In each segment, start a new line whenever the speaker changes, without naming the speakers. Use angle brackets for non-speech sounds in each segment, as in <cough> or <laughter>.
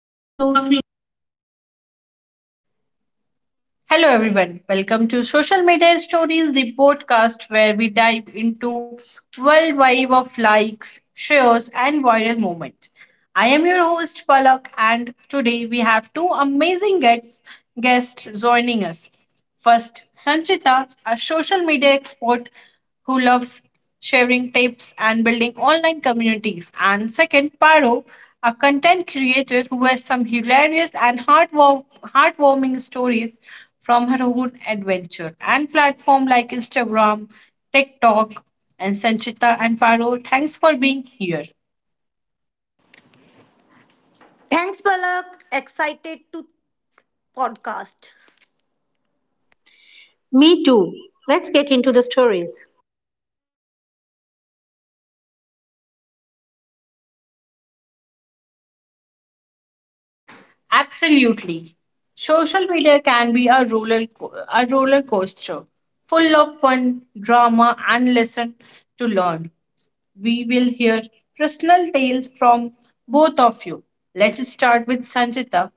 One, two, three. Hello, everyone. Welcome to Social Media Stories, the podcast where we dive into world wave of likes, shares, and viral moments. I am your host Palak, and today we have two amazing guests joining us. First, Sanchita, a social media expert who loves sharing tips and building online communities. And second, Paro, a content creator who has some hilarious and heartwarming stories from her own adventure. And platform like Instagram, TikTok, and Sanchita and Paro, thanks for being here.
Thanks, Palak. Excited to podcast.
Me too. Let's get into the stories.
Absolutely. Social media can be a a roller coaster, full of fun, drama, and lesson to learn. We will hear personal tales from both of you. Let's start with Sanjita.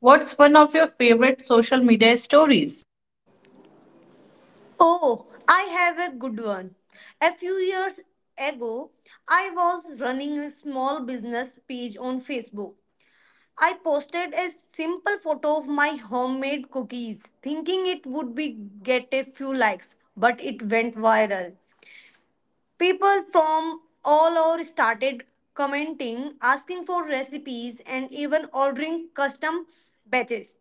What's one of your favorite social media stories?
Oh, I have a good one. A few years ago, I was running a small business page on Facebook. I posted a simple photo of my homemade cookies, thinking it would be get a few likes, but it went viral. People from all over started commenting, asking for recipes, and even ordering custom batches.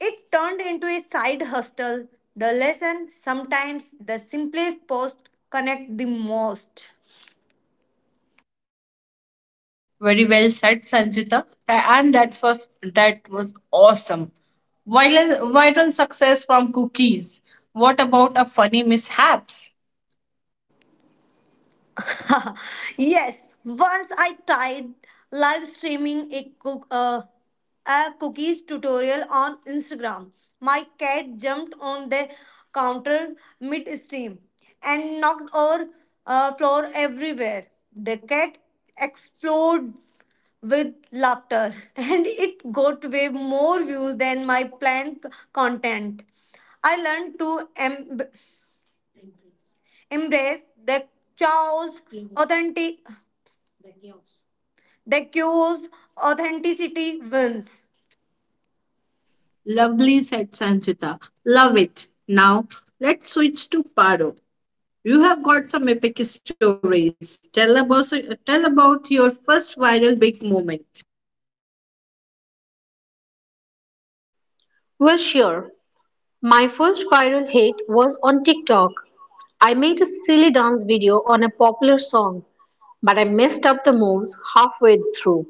It turned into a side hustle. The lesson sometimes the simplest post connect the most.
Very well said, Sanjita. And that was awesome. Viral viral success from cookies. What about a funny mishaps?
<laughs> Yes, once I tried live streaming a cookies tutorial on Instagram. My cat jumped on the counter mid stream and knocked over floor everywhere. The cat exploded with laughter <laughs> and it got way more views than my planned content. I learned to embrace the chaos, authentic. The cues authenticity wins.
Lovely, said Sanchita. Love it. Now let's switch to Paro. You have got some epic stories. Tell about your first viral big moment.
Well, sure. My first viral hit was on TikTok. I made a silly dance video on a popular song, but I messed up the moves halfway through.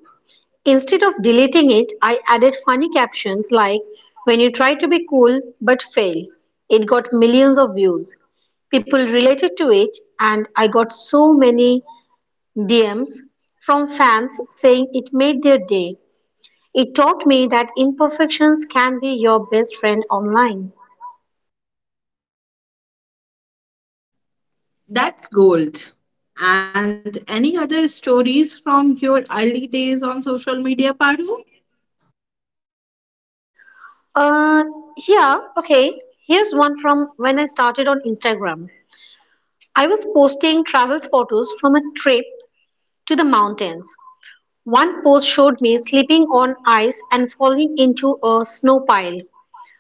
Instead of deleting it, I added funny captions like, "When you try to be cool but fail." It got millions of views. People related to it, and I got so many DMs from fans saying it made their day. It taught me that imperfections can be your best friend online.
That's gold. And any other stories from your early days on social media, Paro?
Uh, yeah, okay. Here's one from when I started on Instagram. I was posting travels photos from a trip to the mountains. One post showed me slipping on ice and falling into a snow pile.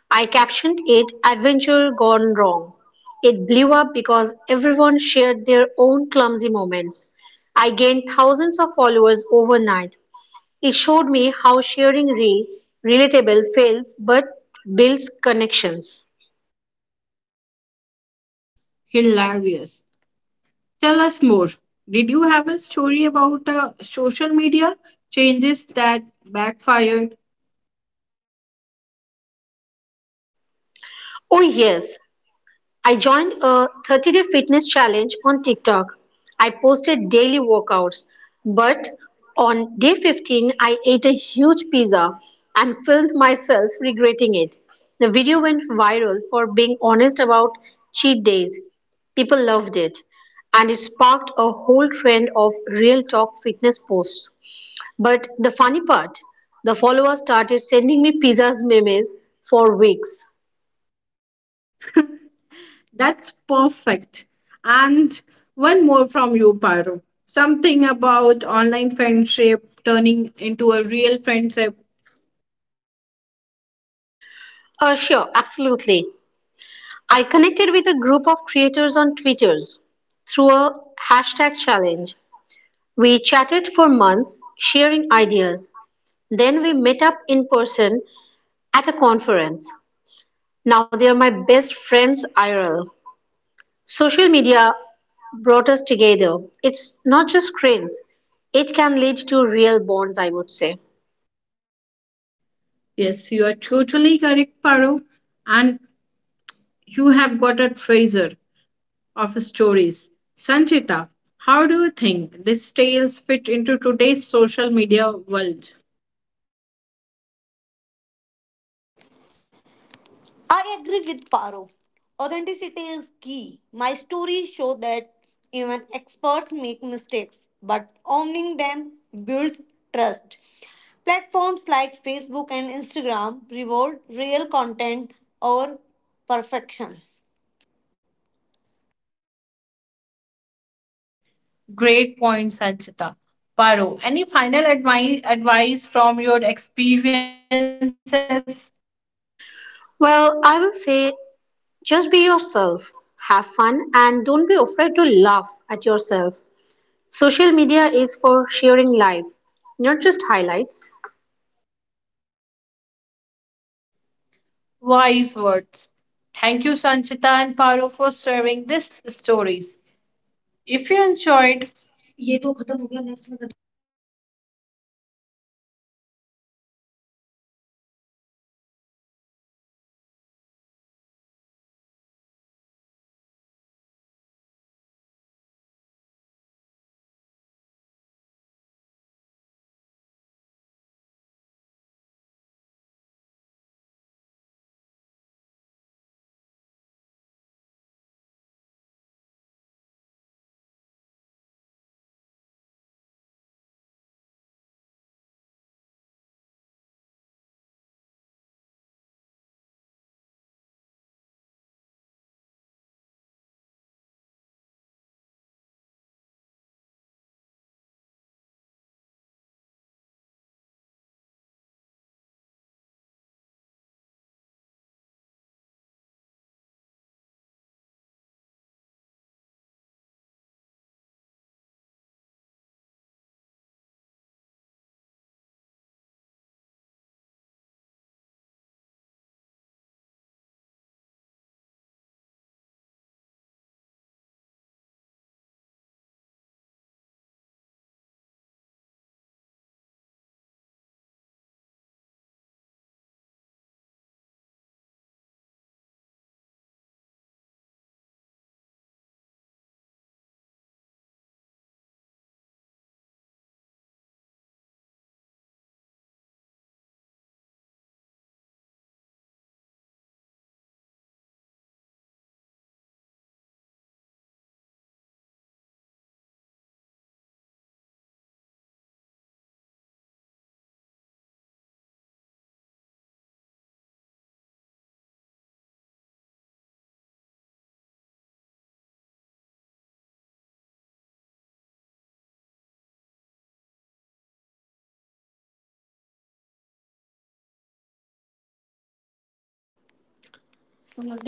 I captioned it "Adventure Gone Wrong." It blew up because everyone shared their own clumsy moments. I gained thousands of followers overnight. It showed me how sharing real, relatable fails but builds connections.
Hilarious. Tell us more. Did you have a story about social media changes that backfired?
Oh, yes, I joined a 30-day fitness challenge on TikTok. I posted daily workouts, but on day 15, I ate a huge pizza and filmed myself regretting it. The video went viral for being honest about cheat days. People loved it, and it sparked a whole trend of real talk fitness posts. But the funny part, the followers started sending me pizzas memes for weeks.
That's perfect. And one more from you, Paru. Something about online friendship turning into a real friendship.
Sure, absolutely. I connected with a group of creators on Twitters through a hashtag challenge. We chatted for months, sharing ideas. Then we met up in person at a conference. Now they are my best friends IRL. Social media brought us together. It's not just screens, it can lead to real bonds, I would say.
Yes, you are totally correct, Paru. And you have got a treasure of stories. Sanchita, how do you think these tales fit into today's social media world?
I agree with Paro. Authenticity is key. My stories show that even experts make mistakes, but owning them builds trust. Platforms like Facebook and Instagram reward real content over perfection.
Great point, Sanchita. Paru, any final advice from your experiences?
Well, I will say just be yourself, have fun, and don't be afraid to laugh at yourself. Social media is for sharing life, not just highlights.
Wise words. Thank you, Sanchita and Paro, for sharing these stories. If you enjoyed, ये तो खत्म हो गया, next में करते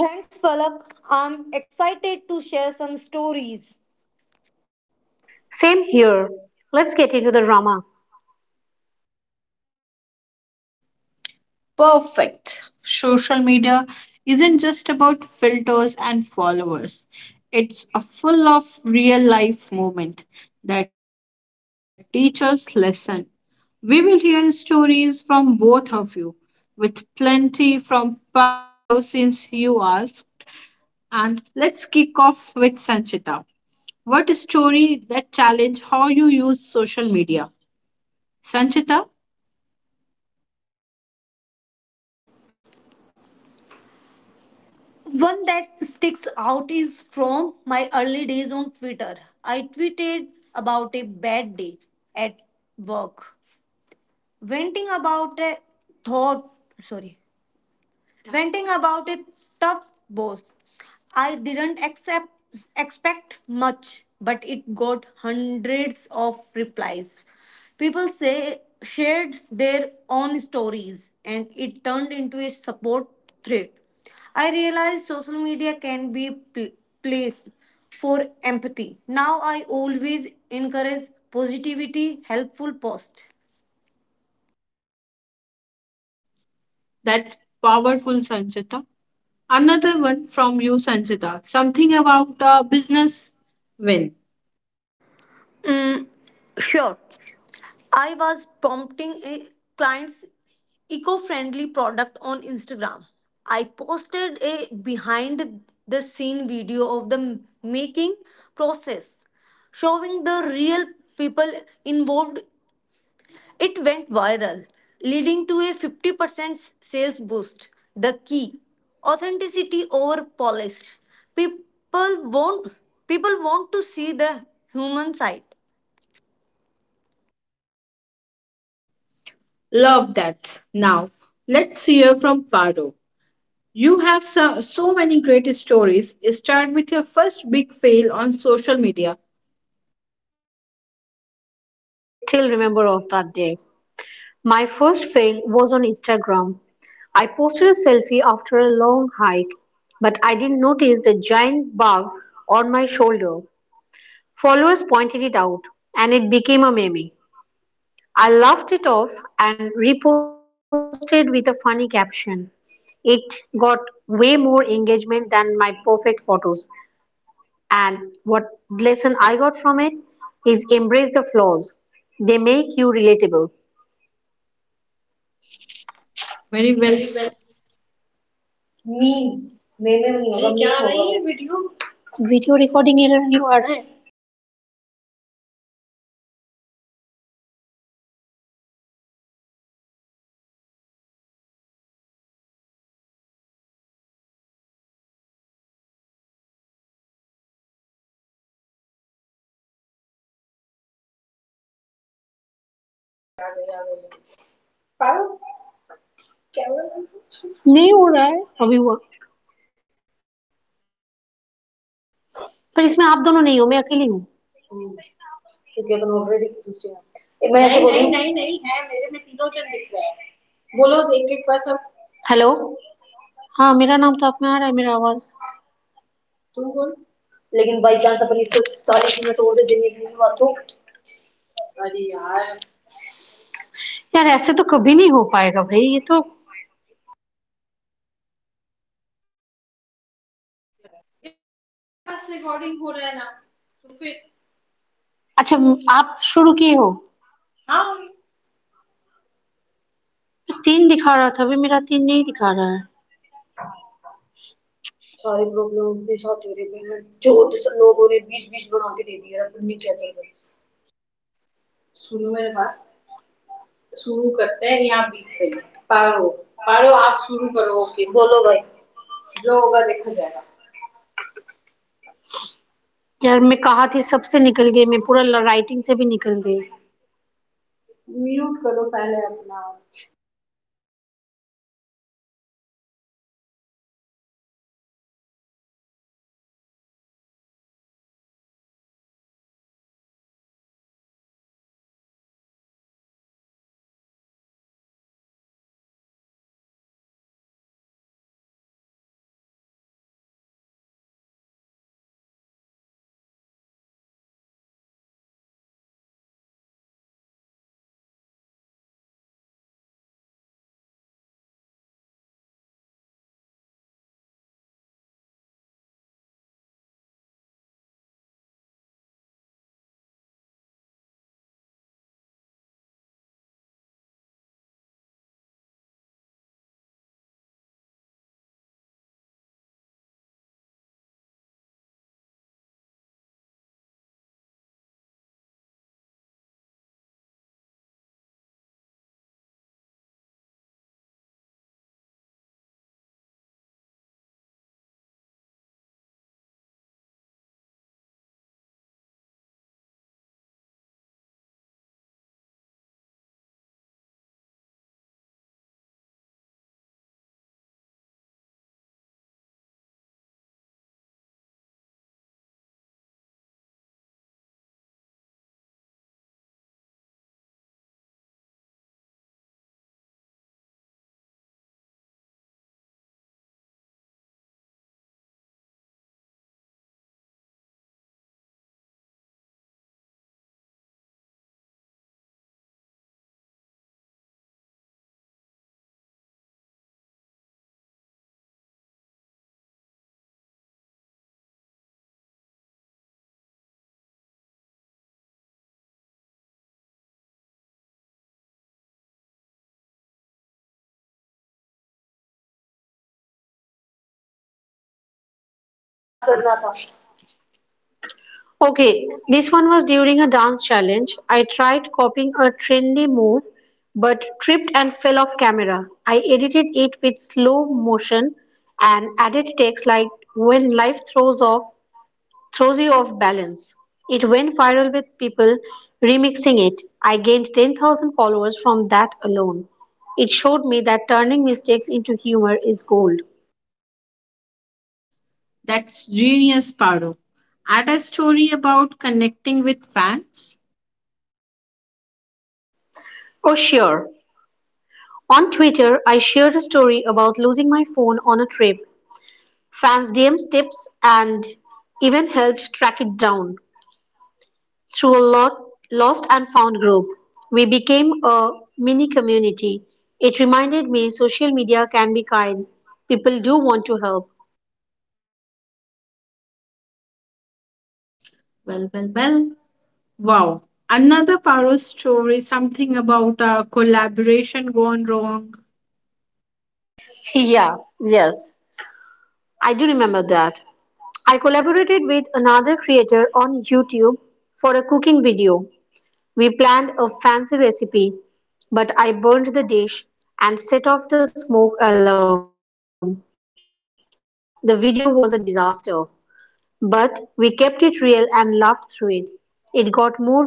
Thanks, Palak. I'm excited to share some stories.
Same here. Let's get into the drama.
perfect. Social media isn't just about filters and followers. It's a full of real life moment that teaches lesson. We will hear stories from both of you, with plenty from Paro since you asked. And let's kick off with Sanchita. What story that challenge how you use social media. Sanchita,
One that sticks out is from my early days on Twitter. I tweeted about a bad day at work, venting about a thought, sorry, venting about it, tough boss. I didn't expect much, but it got hundreds of replies. People say shared their own stories, and it turned into a support thread. I realized social media can be placed for empathy. Now I always encourage positivity, helpful post.
that's powerful Sanchita. Another one from you Sanchita. Something about a business win.
Mm, sure. I was prompting a clients eco-friendly product on Instagram. I posted a behind the scene video of the making process showing the real people involved. It went viral, leading to a 50% sales boost. The key authenticity over polish. People want people want to see the human side.
Love that. Now, let's hear from Paro. You have so many great stories. Start with your first big fail on social media.
Oh, I still remember of that day. My first fail was on Instagram. I posted a selfie after a long hike, but I didn't notice the giant bug on my shoulder. Followers pointed it out, and it became a meme. I laughed it off and reposted with a funny caption. It got way more engagement than my perfect photos. And what lesson?
Very well.
नहीं हो रहा है, अभी हुआ, पर इसमें आप दोनों नहीं हो, मैं अकेली हूँ. हेलो, हाँ मेरा नाम तो आप में आ, यार ऐसे तो कभी नहीं हो पाएगा भाई, ये तो अच्छा आप शुरू किए हो. तीन दिखा रहा था, अभी मेरा तीन नहीं दिखा रहा है. यार मैं कहा थी, सबसे निकल गई, मैं पूरा राइटिंग से भी निकल गई. Okay, this one was during a dance challenge. I tried copying a trendy move but tripped and fell off camera. I edited it with slow motion and added text like, "When life throws you off balance." It went viral with people remixing it. I gained 10,000 followers from that alone. It showed me that turning mistakes into humor is gold.
That's genius, Paro. Add a story about connecting with fans.
Oh, sure. On Twitter, I shared a story about losing my phone on a trip. Fans DM's tips and helped track it down. Through a lot lost and found group, we became a mini community. It reminded me social media can be kind. People do want to help.
Well, well, well. Wow. Another Paro story, something about a collaboration gone wrong.
<laughs> Yeah, yes, I do remember that. I collaborated with another creator on YouTube for a cooking video. We planned a fancy recipe, but I burned the dish and set off the smoke alarm. The video was a disaster. But we kept it real and laughed through it. It got more views than our polished ones.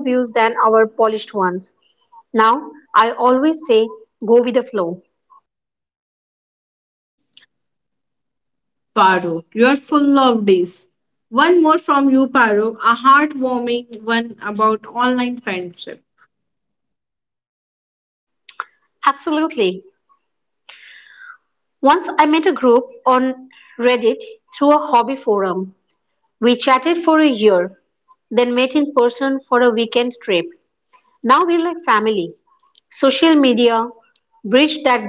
Now, I always say go with the flow.
Paro, you're full of this. One more from you, Paro, a heartwarming one about online friendship.
Absolutely. Once I met a group on Reddit through a hobby forum. We chatted for a year, then met in person for a weekend trip. Now we're like family. Social media bridged that gap.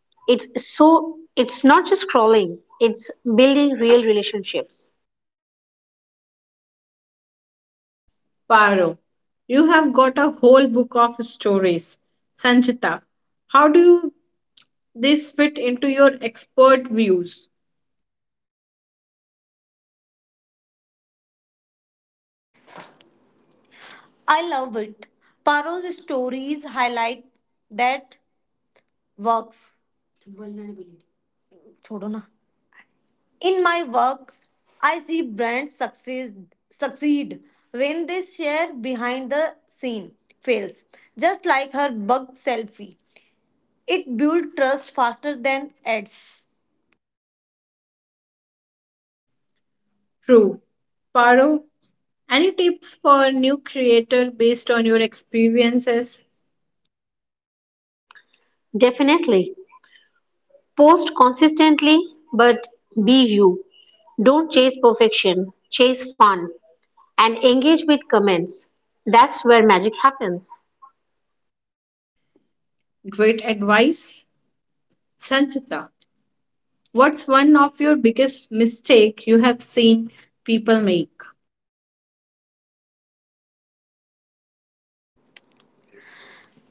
It's it's not just scrolling, it's building real relationships.
Paro, you have got a whole book of stories. Sanchita, how do you, this fit into your expert views?
I love it. Paro's stories highlight that works. छोड़ो ना. In my work, I see brands succeed when they share behind the scene fails. Just like her bug selfie, it builds trust faster than ads.
True. Paro, any tips for new creator based on your experiences?
Definitely. Post consistently, but be you. Don't chase perfection, chase fun and engage with comments. That's where magic happens.
Great advice. Sanchita, what's one of your biggest mistake you have seen people make?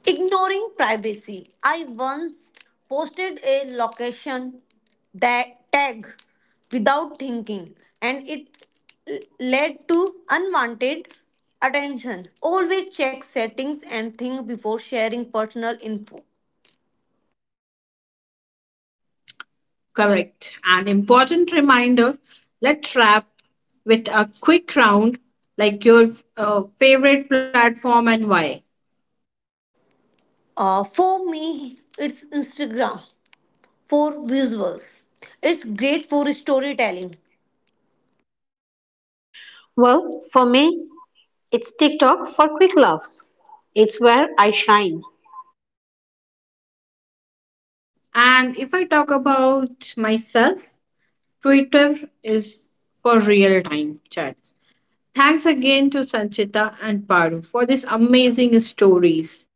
Ignoring privacy. I once posted a location that tag without thinking, and it led to unwanted attention. Always check settings and think before sharing personal info.
Correct. An important reminder. Let's wrap with a quick round, like your favorite platform and why.
For me, it's Instagram for visuals. It's great for storytelling.
Well, for me, it's TikTok for quick laughs. It's where I shine.
And if I talk about myself, Twitter is for real time chats. Thanks again to Sanchita and Paru for these amazing stories.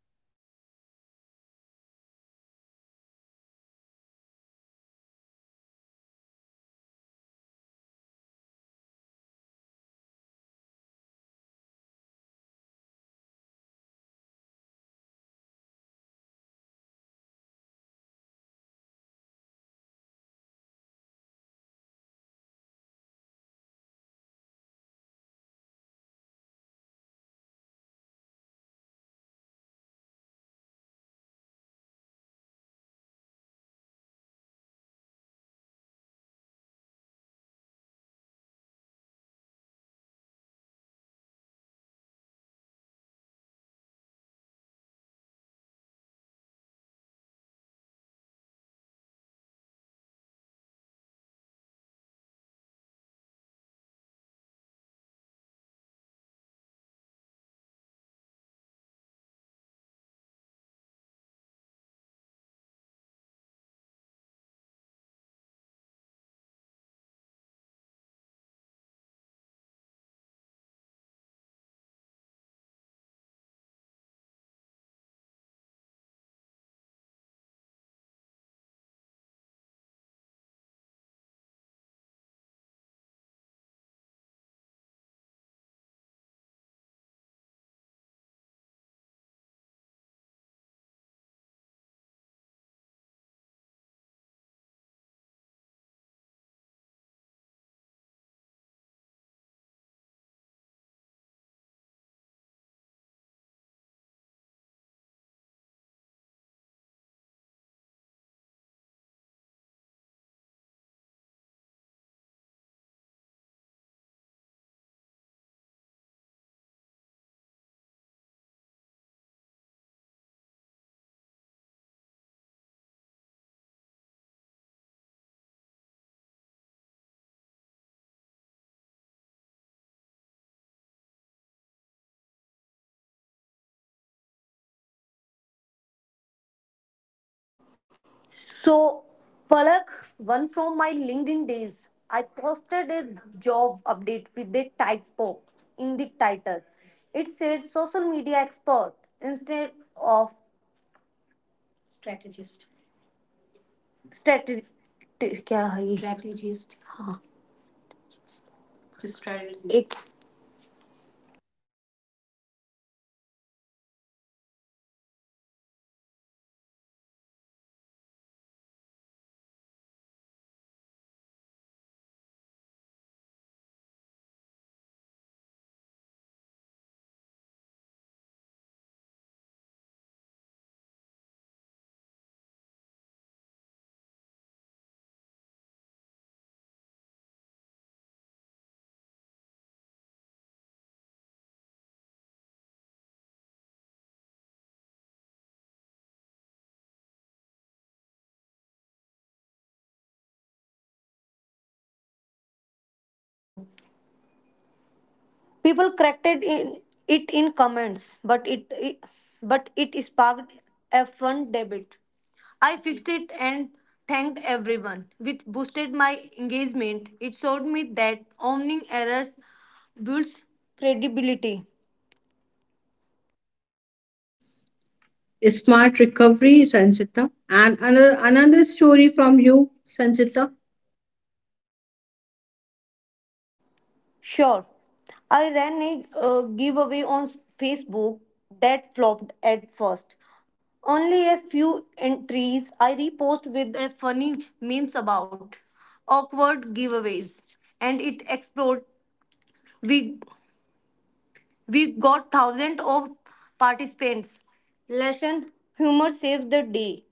So, Palak, one from my LinkedIn days, I posted a job update with the typo in the title. It said social media expert instead of strategy. क्या है ये? Strategist. हाँ. Strategist. एक People corrected it in comments, but it but it sparked a fun debate. I fixed it and thanked everyone, which boosted my engagement. It showed me that owning errors builds credibility.
Smart recovery, Sanchita. Another story from you, Sanchita.
Sure. I ran a giveaway on Facebook that flopped at first. Only a few entries. I repost with a funny memes about awkward giveaways and it exploded. We we got thousands of participants. Lesson humor saves the day.